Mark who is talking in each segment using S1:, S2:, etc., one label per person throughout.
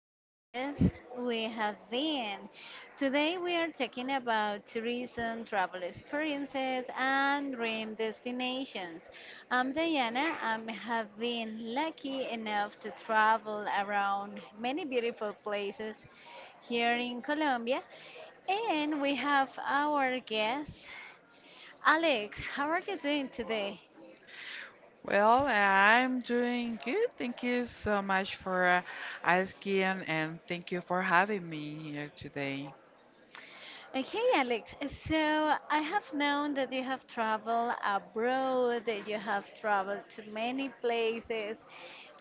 S1: Places We Have Been. Today we are talking about tourism, travel experiences, and dream destinations. I'm Diana. I have been lucky enough to travel around many beautiful places here in Colombia, and we have our guest, Alex. How are you doing today?
S2: Well, I'm doing good. Thank you so much for asking, and thank you for having me here today.
S1: Okay, Alex. So I have known that you have traveled abroad, that you have traveled to many places.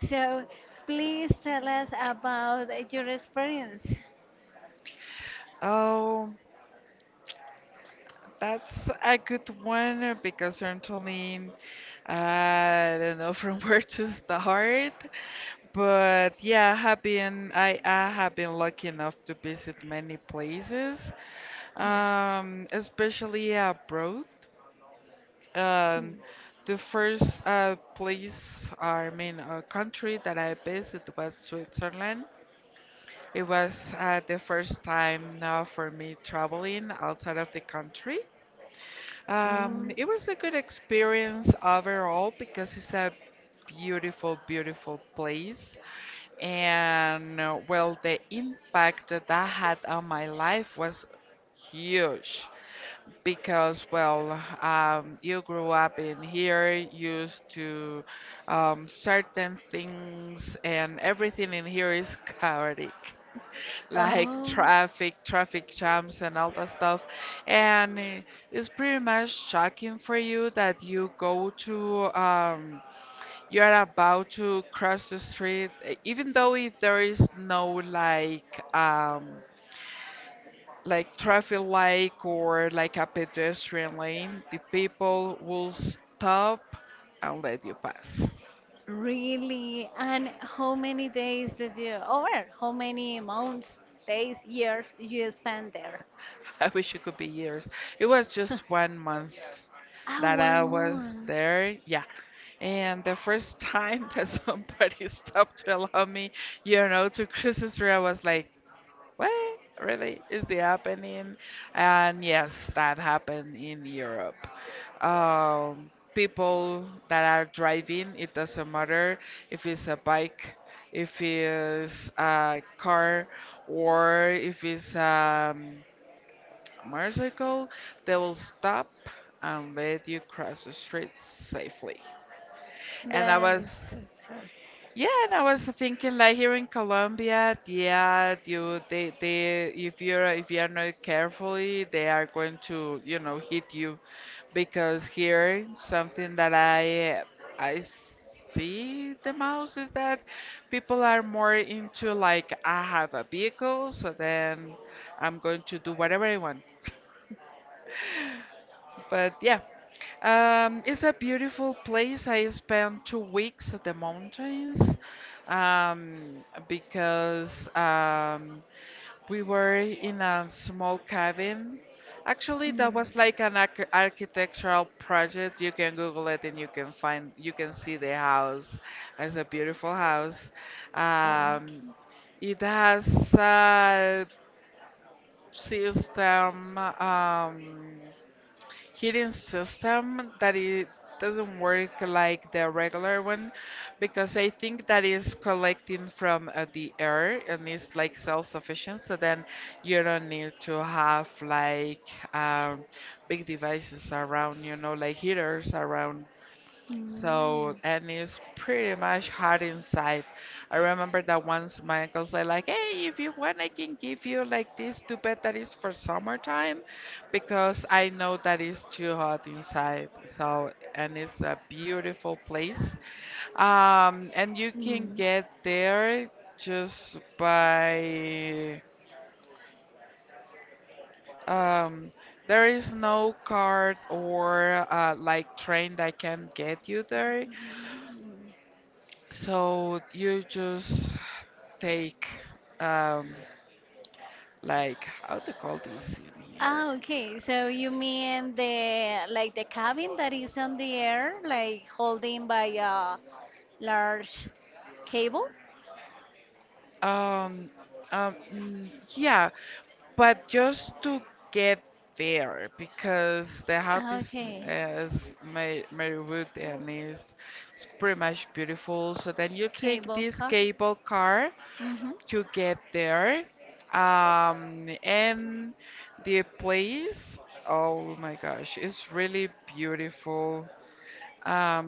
S1: So please tell us about your experience.
S2: Oh, that's a good one because certainly I don't know from where to start. But yeah, I have been lucky enough to visit many places,
S1: Yeah.
S2: especially abroad.
S1: Mm.
S2: Um, the first place, I mean, country that I visited was Switzerland. It was the first time now for me traveling outside of the country.
S1: Mm.
S2: It was a good experience overall because it's a beautiful place. And well, the impact that that had on my life was huge because well you grew up in here used to certain things and everything in here is chaotic like traffic jams and all that stuff and it's pretty much shocking for you that you go to
S1: Oh.
S2: you're about to cross the street even though if there is no like like traffic light or like a pedestrian lane, the people will stop and let you pass.
S1: Really? And how many days did you, or how many months, days, years you spent there?
S2: I wish it could be years. It was just one month
S1: Ah,
S2: that
S1: one
S2: I was
S1: month.
S2: there. Yeah. And the first time that somebody stopped to allow me, you know, to cross the street, I was like, what really is the happening? And yes, that happened in Europe. People that are driving, it doesn't matter if it's a bike, if it's a car, or if it's a motorcycle, they will stop and let you cross the street safely. And I
S1: That
S2: was
S1: is good, sure.
S2: yeah, and I was thinking like here in Colombia, yeah, you they if you are not carefully, they are going to, you know, hit you because here something that I see the most is that people are more into like I have a vehicle, so then I'm going to do whatever I want. But yeah, it's a beautiful place. I spent 2 weeks at the mountains because we were in a small cabin. Actually, that
S1: Hmm.
S2: was like an architectural project. You can Google it and you can find, you can see the house. It's a beautiful house.
S1: Ah,
S2: Um,
S1: okay.
S2: it has a system. Heating system that it doesn't work like the regular one because I think that is collecting from the air and it's like self-sufficient. So then you don't need to have like um, big devices around, you know, like heaters around.
S1: Mm.
S2: So, and it's pretty much hot inside. I remember that once my uncle said, like, hey, if you want, I can give you like this duvet that is for summertime because I know that it's too hot inside. So, and it's a beautiful place. And you can
S1: Mm.
S2: get there just by, um, there is no cart or like train that can get you
S1: Mm.
S2: there. So you just take um like how to call this in here?
S1: Ah, okay. So you mean the like the cabin that is on the air, like holding by a large cable?
S2: Um yeah, but just to get there because the house
S1: Ah,
S2: is
S1: okay,
S2: is made of wood and is pretty much beautiful. So then you take
S1: cable
S2: this
S1: car.
S2: cable car
S1: Mm-hmm.
S2: to get there. And the place, oh my gosh, it's really beautiful. um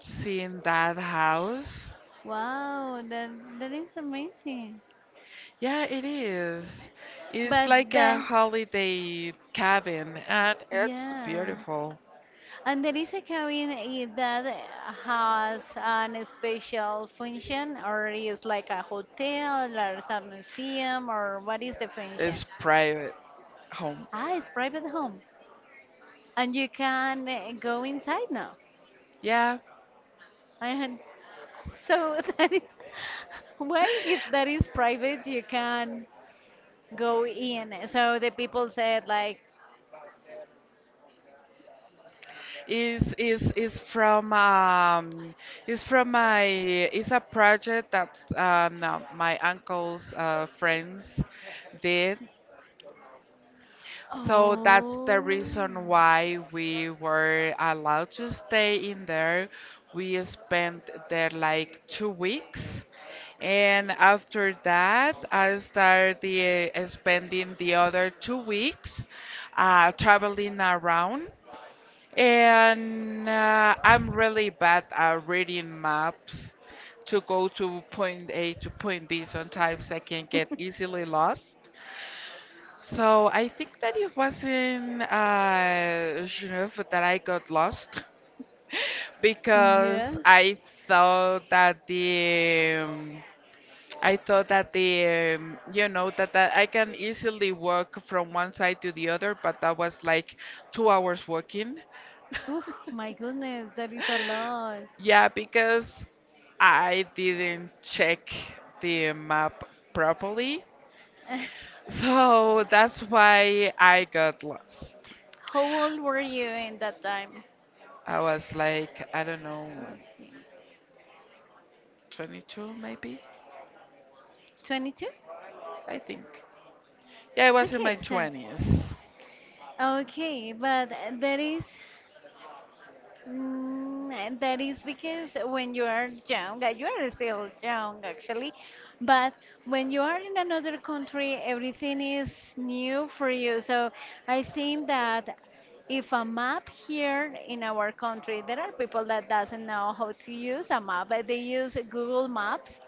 S2: seeing that house.
S1: Wow, that is amazing.
S2: Yeah, it is. It's
S1: But
S2: like a
S1: the
S2: holiday cabin and it's
S1: yeah,
S2: beautiful.
S1: and there is a cabin that has an special function, or is like a hotel, or some museum, or what is the function?
S2: It's private home.
S1: Ah, it's private home. And you can go inside now.
S2: Yeah,
S1: And so that is why, if that is private, you can go in. So the people said like,
S2: is is is from um is from my it's a project that my uncle's friends did. So that's the reason why we were allowed to stay in there. We spent there like 2 weeks. And after
S1: oh.
S2: that, I started spending the other 2 weeks traveling around. And I'm really bad at reading maps to go to point A to point B. Sometimes I can get easily lost. So I think that it was in Geneva that I got lost because
S1: Yeah.
S2: thought that the um, I thought that the you know that I can easily walk from one side to the other, but that was like 2 hours walking.
S1: Oh my goodness, that is a lot.
S2: Yeah, because I didn't check the map properly. So that's why I got lost.
S1: How old were you in that time?
S2: I was like, I don't know,
S1: Was you
S2: 22 maybe,
S1: 22?
S2: I think, yeah I was in my
S1: Okay, so
S2: 20s.
S1: okay, but there is. Mm, and that is because when you are young, you are still young actually, but when you are in another country, everything is new for you. So I think that if a map here in our country, there are people that doesn't know how to use a map, but they use Google Maps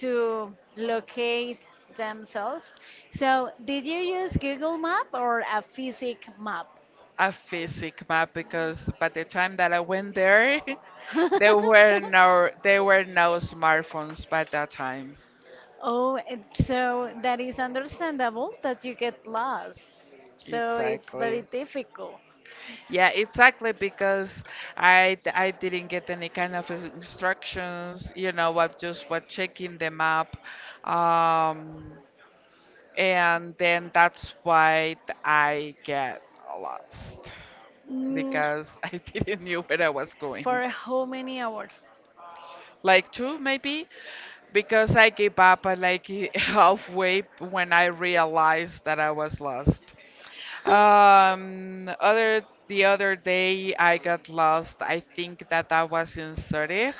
S1: to locate themselves. So did you use Google Map or a physic map?
S2: A physic map because by the time that I went there there were no smartphones by that time.
S1: Oh, and so that is understandable that you get lost. So it's
S2: Exactly,
S1: very difficult.
S2: yeah exactly because I didn't get any kind of instructions, you know, I just was checking the map. um and then that's why I get lost
S1: Mm,
S2: because I didn't knew where I was going.
S1: for how many hours?
S2: Like two maybe because I gave up at like halfway when I realized that I was lost. Other the other day I got lost. I think that I was in Zurich.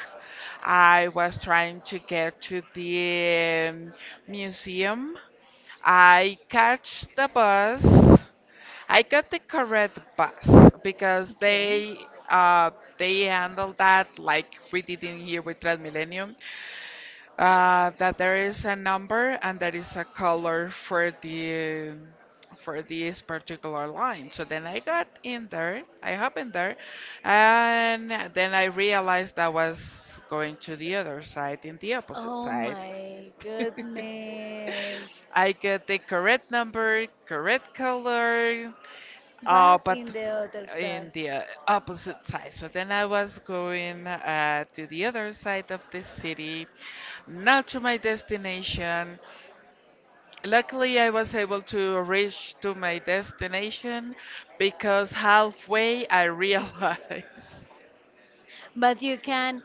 S2: I was trying to get to the museum. I catch the bus. I got the correct bus because
S1: Okay.
S2: uh, they handle that like we did in here with Transmillennium. That there is a number and there is a color for the for this particular line. So then I got in there, I hop in there, and then I realized I was going to the other side, in the opposite
S1: Oh
S2: side.
S1: my goodness.
S2: I get the correct number, correct color, oh,
S1: But
S2: but
S1: in the other side.
S2: in the opposite side. So then I was going to the other side of the city, not to my destination. Luckily, I was able to reach to my destination because halfway I realized.
S1: But you can,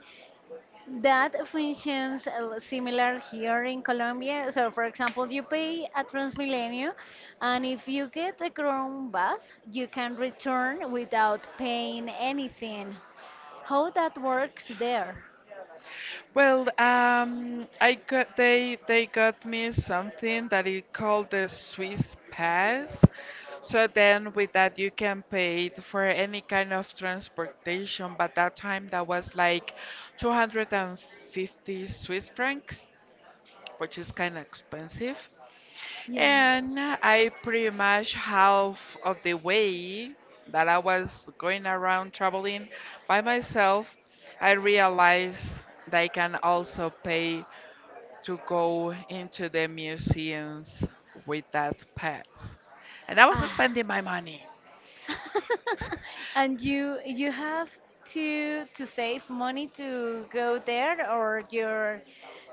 S1: that functions similar here in Colombia. So, for example, you pay at Transmilenio, and if you get a Crown bus, you can return without paying anything. How that works there?
S2: Well, I got they got me something that is called the Swiss Pass. So then with that you can pay it for any kind of transportation, but that time that was like 250 Swiss francs, which is kind of expensive.
S1: Yeah.
S2: And I pretty much half of the way that I was going around traveling by myself, I realized that I can also pay to go into the museums with that pass. And I was
S1: Ah.
S2: spending my money.
S1: And you have to save money to go there, or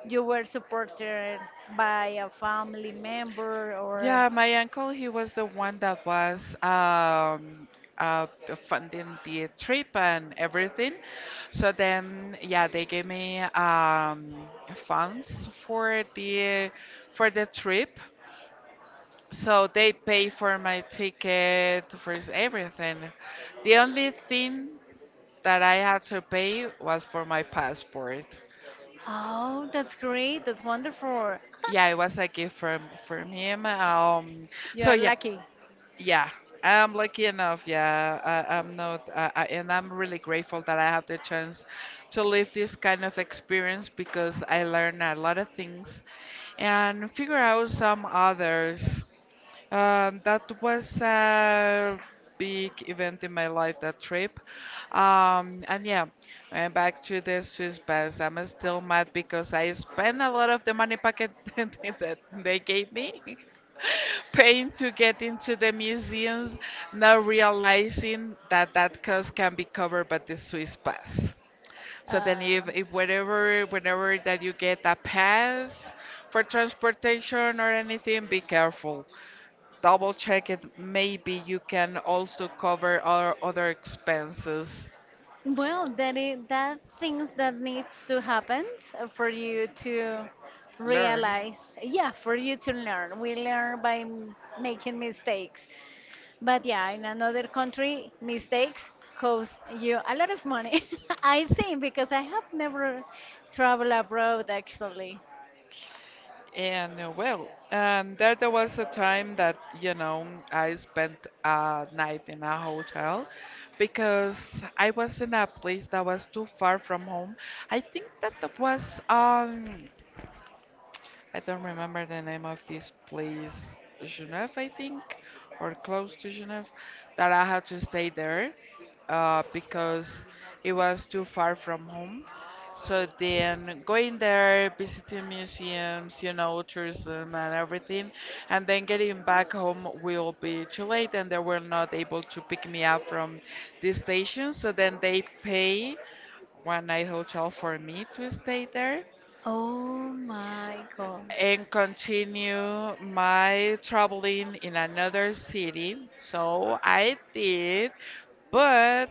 S1: you were supported by a family member, or
S2: Yeah, my uncle, he was the one that was uh, funding the trip and everything. So then, yeah, they gave me funds for the trip. So they pay for my ticket, for everything. The only thing that I had to pay was for my passport.
S1: oh, that's great, that's wonderful.
S2: Yeah, it was a gift from him. Um,
S1: You
S2: so
S1: are
S2: yeah,
S1: lucky.
S2: yeah, I'm lucky enough. Yeah, I, I'm not, I, and I'm really grateful that I have the chance to live this kind of experience because I learn a lot of things and figure out some others. That was a big event in my life, that trip. And yeah, and back to the Swiss bass. I'm still mad because I spent a lot of the money packet that they gave me paying to get into the museums, not realizing that that cost can be covered by the Swiss pass. So then if whatever, whenever that you get a pass for transportation or anything, be careful, double
S1: Uh,
S2: check it. Maybe you can also cover our other expenses.
S1: Well, that is, that things that needs to happen for you to
S2: Learn.
S1: realize. Yeah, for you to learn. We learn by making mistakes. But yeah, in another country, mistakes cost you a lot of money. I think because I have never traveled abroad actually.
S2: And well, there was a time that you know I spent a night in a hotel because I was in a place that was too far from home. I think that that was I don't remember the name of this place, Genève, I think, or close to Genève, that I had to stay there. Because it was too far from home. So then going there, visiting museums, you know, tourism and everything, and then getting back home will be too late, and they were not able to pick me up from the station. So then they pay one night hotel for me to stay there
S1: Oh my God.
S2: and continue my traveling in another city. So I did, but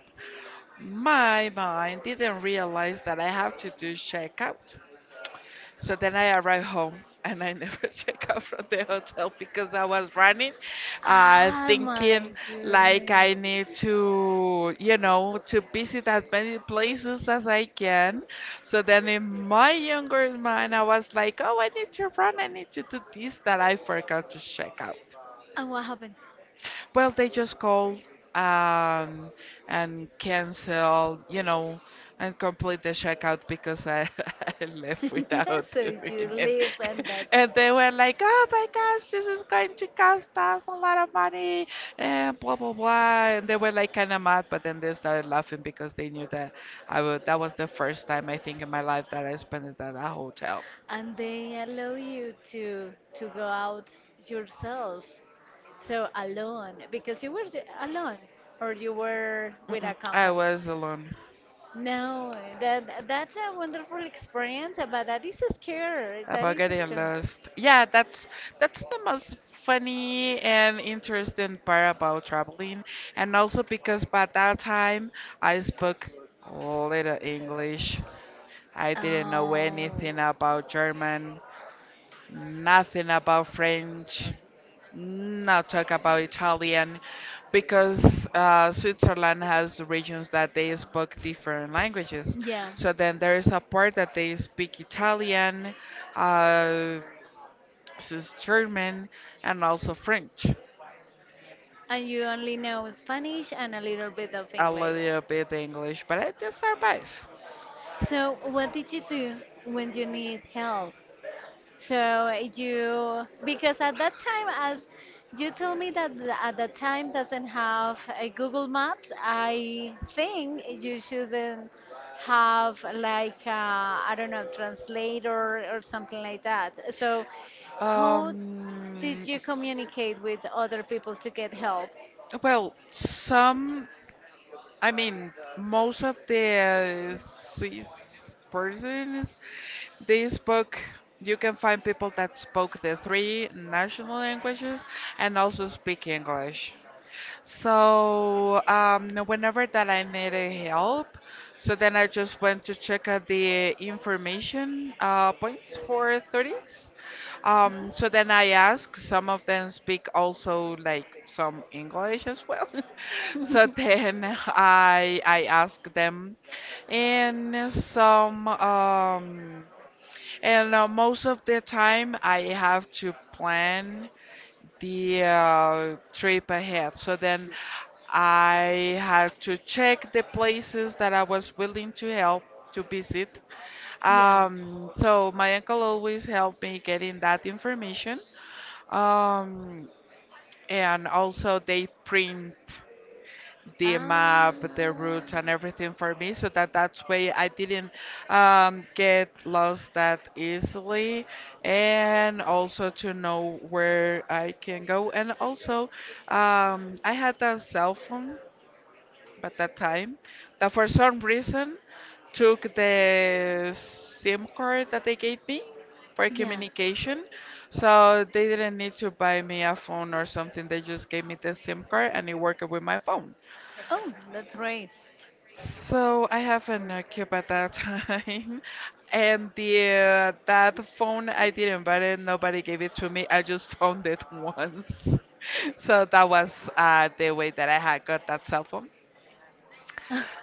S2: my mind didn't realize that I have to do checkout. So then I arrived home and I never check out from the hotel because I was running,
S1: Ah, my
S2: thinking like I
S1: goodness.
S2: need to, you know, to visit as many places as I can. So then in my younger mind, I was like, oh, I need to run, I need to do this that I forgot to check out.
S1: And what happened?
S2: Well, they just called um, and cancel, you know, and complete the checkout because I, I left without
S1: So
S2: doing
S1: you
S2: it.
S1: leave
S2: And they were like, oh my gosh, this is going to cost us a lot of money, and blah, blah, blah. And they were like kind of mad, but then they started laughing because they knew that that was the first time I think in my life that I spent it at a hotel.
S1: and they allow you to go out yourself. So alone because you were alone or you were with a
S2: Mm-mm, I
S1: company.
S2: was alone.
S1: No, that's a wonderful experience, but that is scary. That
S2: About
S1: is
S2: getting
S1: scary.
S2: lost. Yeah, that's the most funny and interesting part about traveling, and also because by that time I spoke little English. I didn't know anything
S1: Oh.
S2: about German, nothing about French, not talk about Italian, because Switzerland has regions
S1: So
S2: that
S1: it's,
S2: they spoke different languages.
S1: yeah.
S2: So then there is a part that they speak Italian. Uh, is German and also French,
S1: And you only know Spanish and a little bit of
S2: a
S1: English.
S2: little bit English, but I did survive.
S1: So, what did you do when you need help? So, you, because at that time, as you told me that at that time doesn't have a Google Maps, I think you shouldn't have like, I don't know, translator or something like that. So, how did
S2: Um,
S1: you communicate with other people to get help?
S2: well, I mean, most of the Swiss persons, they spoke, you can find people that spoke the three national languages and also speak English. So whenever that I needed help, so then I just went to check out the information points for 30s. So then I asked, some of them speak also like some English as well. So then I asked them, and some um, and most of the time I have to plan the trip ahead. So then I had to check the places that I was willing to help to visit.
S1: Yeah.
S2: So my uncle always helped me getting that information. Um, and also they print the map, the
S1: Ah.
S2: routes, and everything for me, so that that's way I didn't get lost that easily, and also to know where I can go. And also, I had a cell phone at that time that for some reason took the SIM card that they gave me for
S1: Yeah.
S2: communication. So they didn't need to buy me a phone or something. They just gave me the SIM card and it worked with my phone.
S1: Oh, that's great.
S2: So I have a Nokia at that time, and the that phone I didn't buy it. Nobody gave it to me. I just found it once. So that was the way that I had got that cell phone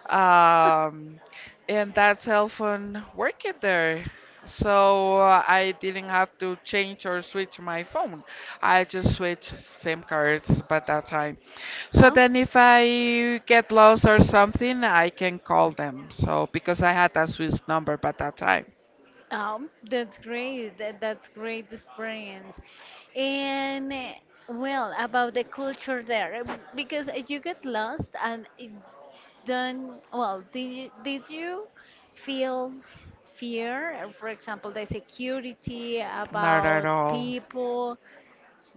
S2: um, and that cell phone working there. So I didn't have to change or switch my phone. I just switched SIM cards by that time. So
S1: Oh.
S2: then if I get lost or something, I can call them. So because I had a Swiss number by that time.
S1: That's great. That's great experience. And well, about the culture there, because you get lost and it don't. Well, did you feel fear? For example, the security
S2: Not at
S1: about
S2: all.
S1: people.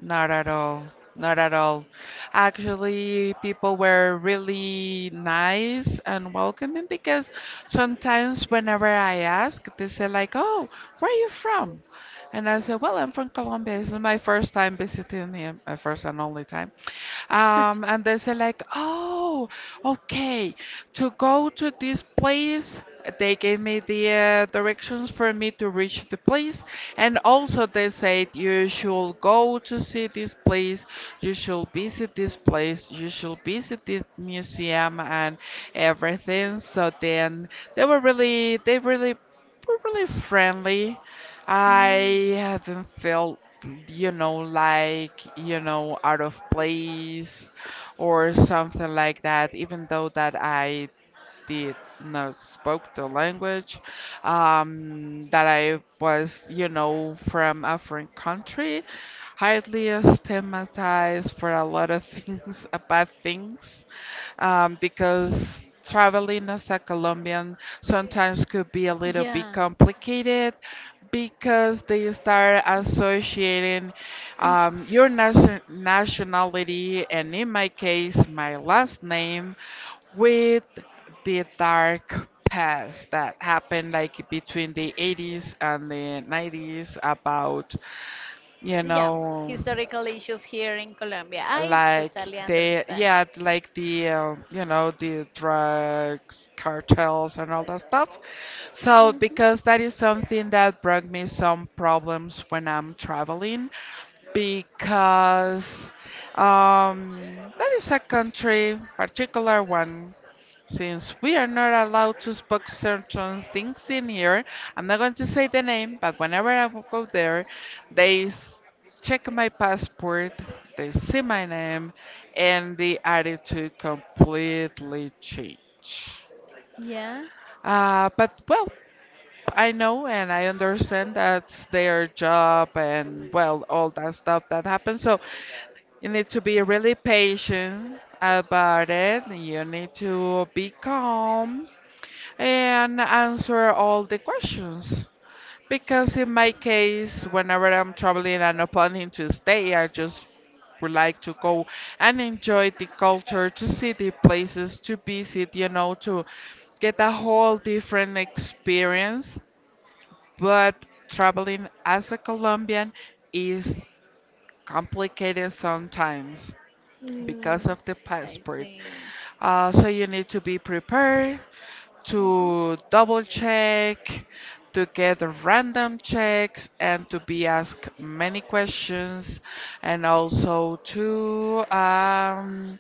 S2: Not at all. Not at all. Actually, people were really nice and welcoming because sometimes whenever I ask, they say like, "Oh, where are you from?" And I say, "Well, I'm from Colombia. This is my first time visiting here, my first and only time." And they say like, "Oh, okay to go to this place. They gave me the directions for me to reach the place, and also they said you should go to see this place, you should visit this place, you should visit this museum and everything. So then they were really, they really, were really friendly. I
S1: Mm.
S2: haven't felt, you know, like, you know, out of place or something like that, even though that I did not spoke the language, that I was, you know, from a foreign country, highly stigmatized for a lot of things, bad things, because traveling as a Colombian sometimes could be a little bit
S1: Yeah,
S2: complicated because they start associating your nationality and in my case my last name with the dark past that happened like between the 80s and the 90s about you
S1: yeah.
S2: know
S1: Historical issues here in Colombia. I
S2: like
S1: totally
S2: they
S1: understand.
S2: yeah like the you know the drugs cartels and all that stuff. So
S1: Mhm.
S2: because that is something that brought me some problems when I'm traveling because that is a country particular one since we are not allowed to spoke certain things in here, I'm not going to say the name, but whenever go there, they s- check my passport, they see my name, and the attitude completely change.
S1: Yeah.
S2: But well, I know and I understand that's their job and well, all that stuff that happens. So you need to be really patient about it. You need to be calm and answer all the questions. Because in my case, whenever I'm traveling and not planning to stay, I just would like to go and enjoy the culture, to see the places, to visit, you know, to get a whole different experience. But traveling as a Colombian is complicated sometimes because
S1: Mm,
S2: of the
S1: I
S2: passport.
S1: see.
S2: So you need to be prepared
S1: Mhm.
S2: to double check, to get random checks, and to be asked many questions, and also to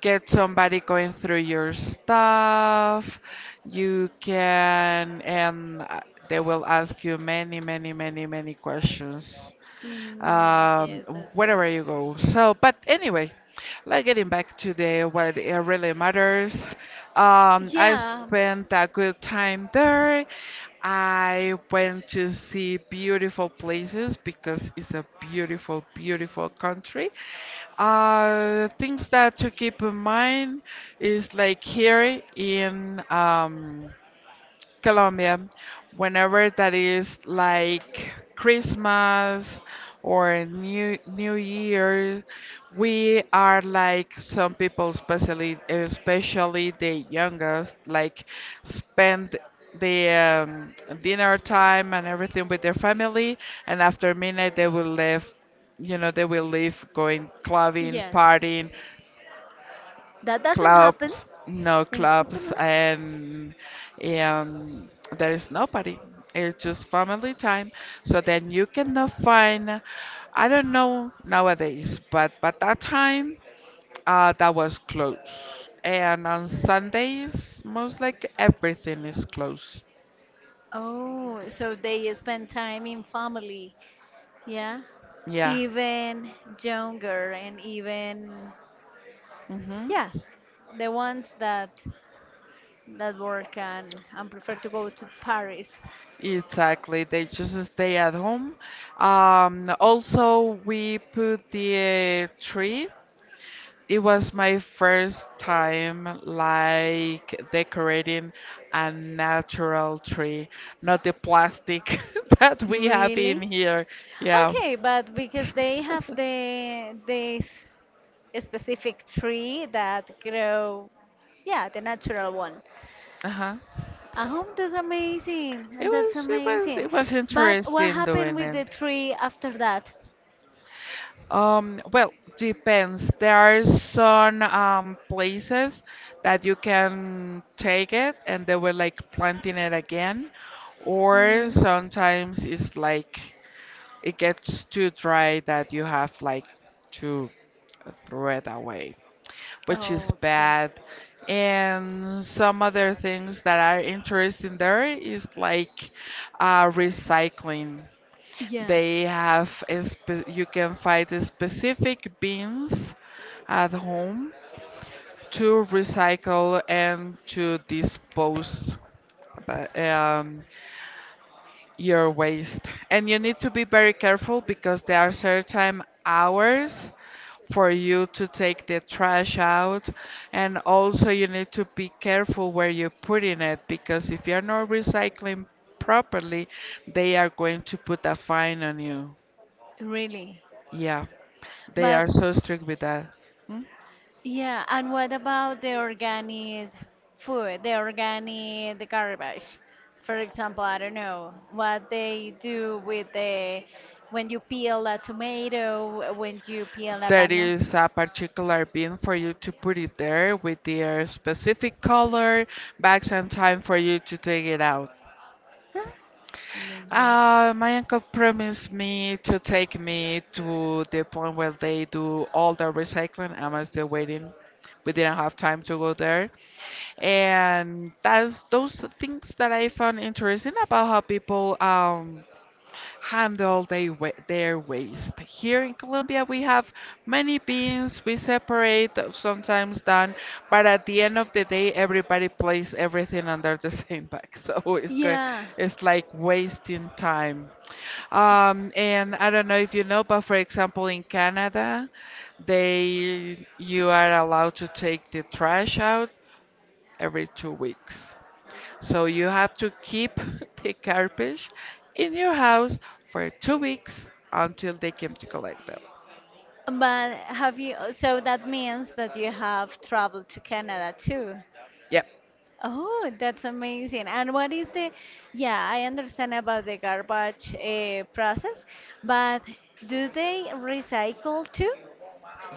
S2: get somebody going through your stuff. You can, and they will ask you many, many, many, many questions
S1: Mm,
S2: um,
S1: yes, I see.
S2: wherever you go. So, but anyway, like getting back to the what it really matters. I
S1: Yeah.
S2: spent a good time there. I went to see beautiful places because it's a beautiful, beautiful country. Things that to keep in mind is like here in Colombia, whenever that is like Christmas or New Year, we are like some people, especially the youngest, like spend the dinner time and everything with their family, and after midnight they will leave, you know, they will leave going clubbing,
S1: Yes.
S2: partying,
S1: That doesn't happen
S2: clubs, no
S1: in
S2: clubs,
S1: Switzerland.
S2: and um, there is nobody. It's just family time. So then you cannot find, I don't know nowadays, but that time that was closed. And on Sundays, most like everything is closed.
S1: Oh, so they spend time in family. Yeah.
S2: Yeah.
S1: Even younger and even,
S2: Hmm.
S1: yeah, the ones that work and prefer to go to Paris.
S2: Exactly. They just stay at home. Also, we put the tree. It was my first time like decorating a natural tree, not the plastic that we have in
S1: Really?
S2: here. Yeah.
S1: Okay, but because they have the this specific tree that grow, yeah, the natural one.
S2: Uh-huh.
S1: At home, that's
S2: It
S1: amazing. That's
S2: was it was
S1: amazing.
S2: it was
S1: But what
S2: interesting
S1: happened
S2: doing
S1: with the
S2: it.
S1: tree after that?
S2: Well, depends. There are some places that you can take it and they were like planting it again, or
S1: Mm.
S2: sometimes it's like it gets too dry that you have like to throw it away, which is
S1: Oh,
S2: bad. And some other things that are interesting there is like recycling.
S1: yeah,
S2: They have a you can find the specific bins at home to recycle and to dispose. But your waste. And you need to be very careful because there are certain hours for you to take the trash out. And also, you need to be careful where you're putting it because if you're not recycling properly, they are going to put a fine on you.
S1: really.
S2: Yeah, they are
S1: But
S2: so strict with that. Mm.
S1: yeah, and what about the organic food, the organic, the garbage? For example, I don't know what they do with the when you peel a tomato, when you peel a
S2: There
S1: banana.
S2: is a particular bin for you to put it there with their specific color, bags, and time for you to take it out.
S1: Huh? Los Reyes.
S2: My uncle promised me to take me to the point where they do all the recycling. I'm still waiting. We didn't have time to go there. And that's those are things that I found interesting about how people handle their waste. Here in Colombia, we have many bins. We separate, sometimes done, but at the end of the day, everybody places everything under the same bag. So it's good.
S1: Yeah.
S2: It's like wasting time. And I don't know if you know, but for example, in Canada, they you are allowed to take the trash out every 2 weeks. So you have to keep the garbage in your house for 2 weeks until they come to collect them.
S1: So that means that you have traveled to Canada too.
S2: Yep.
S1: Oh, that's amazing. And what is the, Yeah, I understand about the garbage process, but do they recycle too?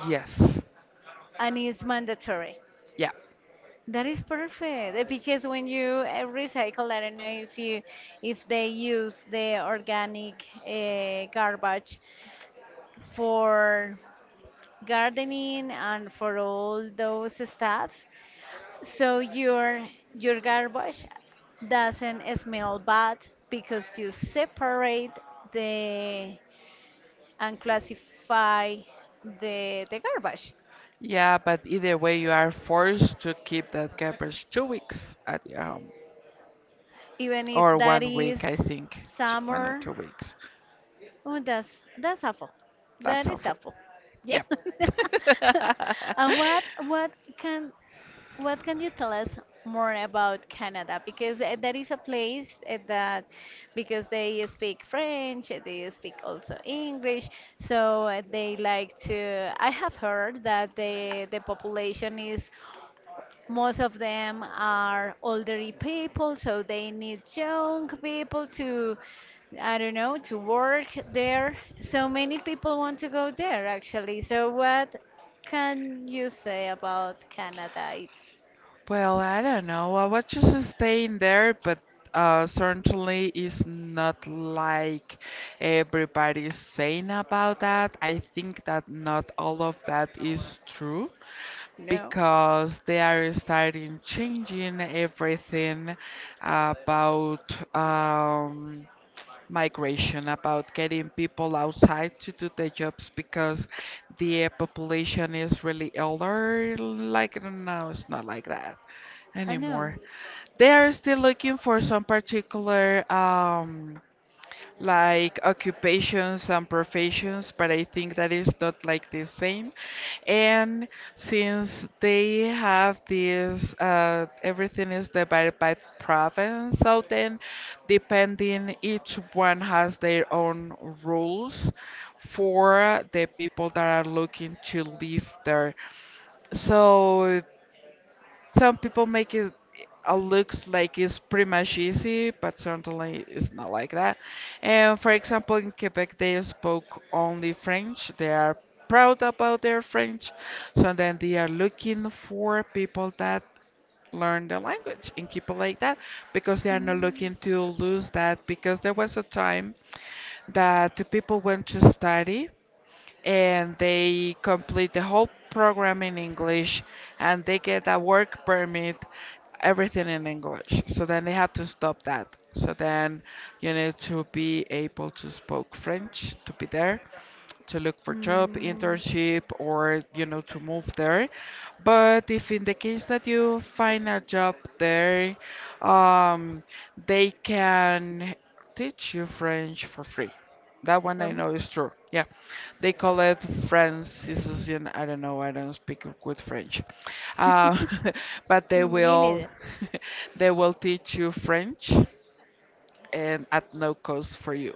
S2: Yes.
S1: And it's mandatory.
S2: Yeah.
S1: That is perfect because when you recycle, I don't know if they use the organic garbage for gardening and for all those stuff. So your garbage doesn't smell bad because you separate the and classify the garbage.
S2: Yeah, but either way, you are forced to keep that garbage 2 weeks at your home,
S1: Even if
S2: or
S1: that
S2: one
S1: is
S2: week, I think, one or
S1: summer,
S2: two weeks.
S1: oh, that's awful.
S2: That's
S1: That
S2: all.
S1: is awful. Yeah.
S2: Yep.
S1: and what can What can you tell us more about Canada? Because that is a place that, because they speak French, they speak also English, so they like to. I have heard that the population is most of them are elderly people, so they need young people to, I don't know, to work there. So many people want to go there actually. So what can you say about Canada? It's
S2: Well, I don't know. I was just staying there, but certainly it's not like everybody's saying about that. I think that not all of that is true
S1: no.
S2: because they are starting changing everything about um, migration, about getting people outside to do the jobs because the population is really elder. Like now, it's not like that
S1: I know.
S2: anymore. They are still looking for some particular like occupations and professions, but I think that is not like the same. And since they have this, everything is divided by province, so then depending each one has their own rules for the people that are looking to live there. So some people make it looks like it's pretty much easy, but certainly it's not like that. And for example, in Quebec, they spoke only French. They are proud about their French, so then they are looking for people that learn the language and keep it like that because they are not looking to lose that because there was a time that the people went to study and they complete the whole program in English and they get a work permit, everything in English. So then they had to stop that. So then you need to be able to speak French to be there to look for job,
S1: Mm,
S2: internship, or you know to move there. But if in the case that you find a job there, um, they can teach you French for free. That one I
S1: um,
S2: know is true. Yeah, they call it Franciscan. I don't know. I don't speak good French, uh, but they
S1: Me
S2: will
S1: neither.
S2: they will teach you French and at no cost for you.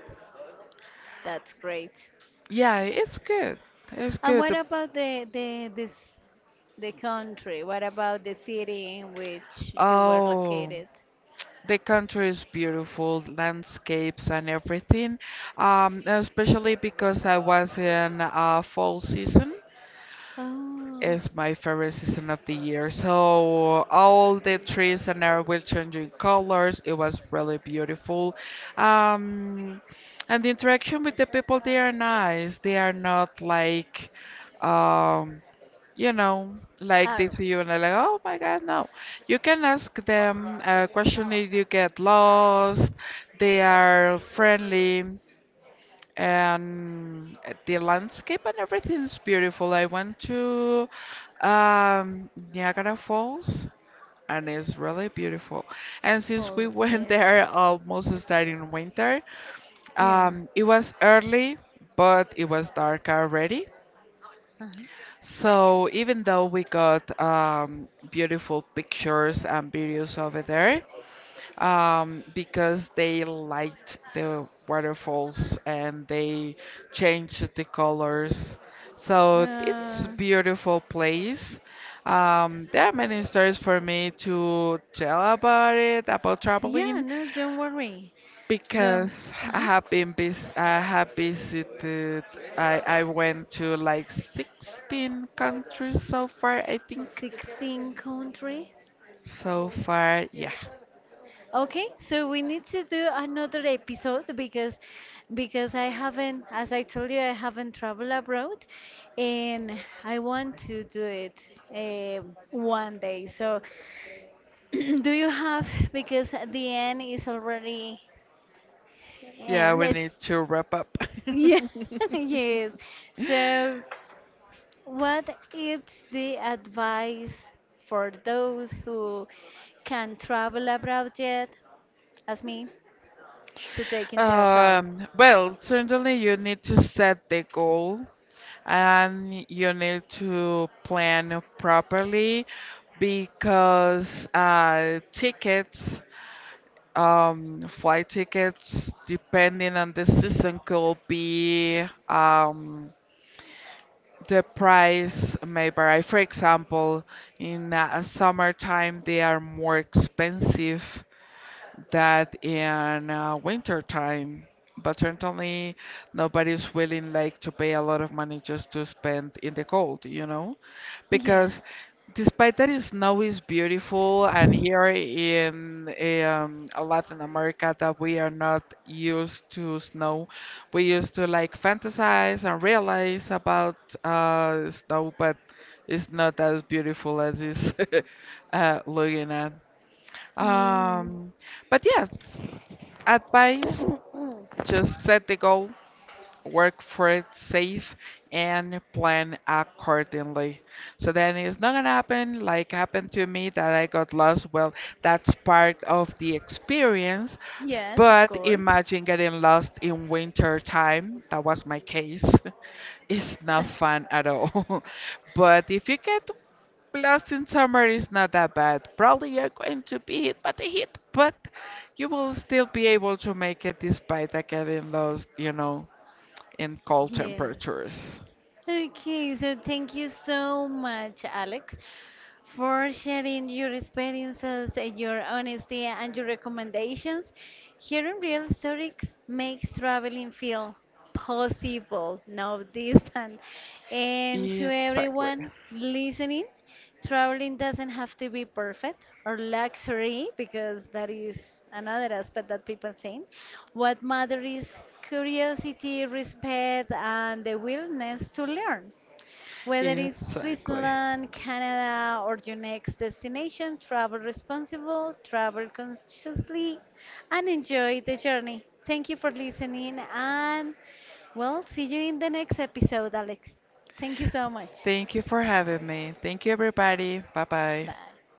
S1: That's great.
S2: Yeah, it's good. It's
S1: And
S2: good.
S1: what about the country? What about the city in which you were
S2: Oh,
S1: located?
S2: the country is beautiful, landscapes and everything. Especially because I was in fall season
S1: Oh,
S2: is my favorite season of the year. So all the trees and air will changing colors. It was really beautiful. Um, and the interaction with the people, they are nice. They are not like, um, you know, like they
S1: are
S2: see you and they're like, oh my God, no. You can ask them a question if you get lost. They are friendly and the landscape and everything is beautiful. I went to Niagara Falls and it's really beautiful. And since we
S1: Falls,
S2: went
S1: yes.
S2: there almost starting winter,
S1: Yeah.
S2: it was early, but it was dark already.
S1: Uh-huh.
S2: So even though we got beautiful pictures and videos over there, because they liked the waterfalls and they changed the colors. So it's a
S1: Uh,
S2: beautiful place. There are many stories for me to tell about it, about
S1: yeah,
S2: traveling,
S1: no, don't worry. No.
S2: because
S1: Uh-huh.
S2: I have visited. I went to like 16 countries so far, I think.
S1: 16 countries.
S2: So far, yeah.
S1: Okay, so we need to do another episode because I haven't, as I told you, I haven't traveled abroad, and I want to do it one day. So, do you have? Because the end is already
S2: Yeah,
S1: end.
S2: we need
S1: It's
S2: to wrap up.
S1: yeah, yes. So, what is the advice for those who can travel abroad yet, as me to take into account.
S2: Well, certainly you need to set the goal and you need to plan properly because tickets, flight tickets, depending on the season, could be um, the price may vary. For example, in summertime, they are more expensive that in winter time, but certainly nobody's willing like to pay a lot of money just to spend in the cold, you know?
S1: Yeah.
S2: Because despite that is snow is beautiful and here in Latin America that we are not used to snow, we used to like fantasize and realize about snow, but it's not as beautiful as it's looking at.
S1: Mm,
S2: Um, but yeah, advice just set the goal, work for it safe, and plan accordingly. So then it's not gonna happen like happened to me that I got lost. Well, that's part of the experience,
S1: yes, of
S2: but
S1: course.
S2: imagine getting lost in winter time. That was my case. It's not fun at all. But if you get lost in summer is not that bad. Probably you're going to be hit by the heat, but you will still be able to make it despite that getting lost, you know, in cold
S1: Yes.
S2: temperatures.
S1: Okay, so thank you so much, Alex, for sharing your experiences, your honesty, and your recommendations. Hearing real stories makes traveling feel possible, not distant. And to
S2: Exactly.
S1: everyone listening, traveling doesn't have to be perfect or luxury because that is another aspect that people think. What matters is curiosity, respect, and the willingness to learn. Whether it's
S2: Exactly.
S1: Switzerland, Canada, or your next destination, travel responsible, travel consciously, and enjoy the journey. Thank you for listening, and well, see you in the next episode, Alex. Thank you so much.
S2: Thank you for having me. Thank you, everybody. Bye bye.
S1: Bye.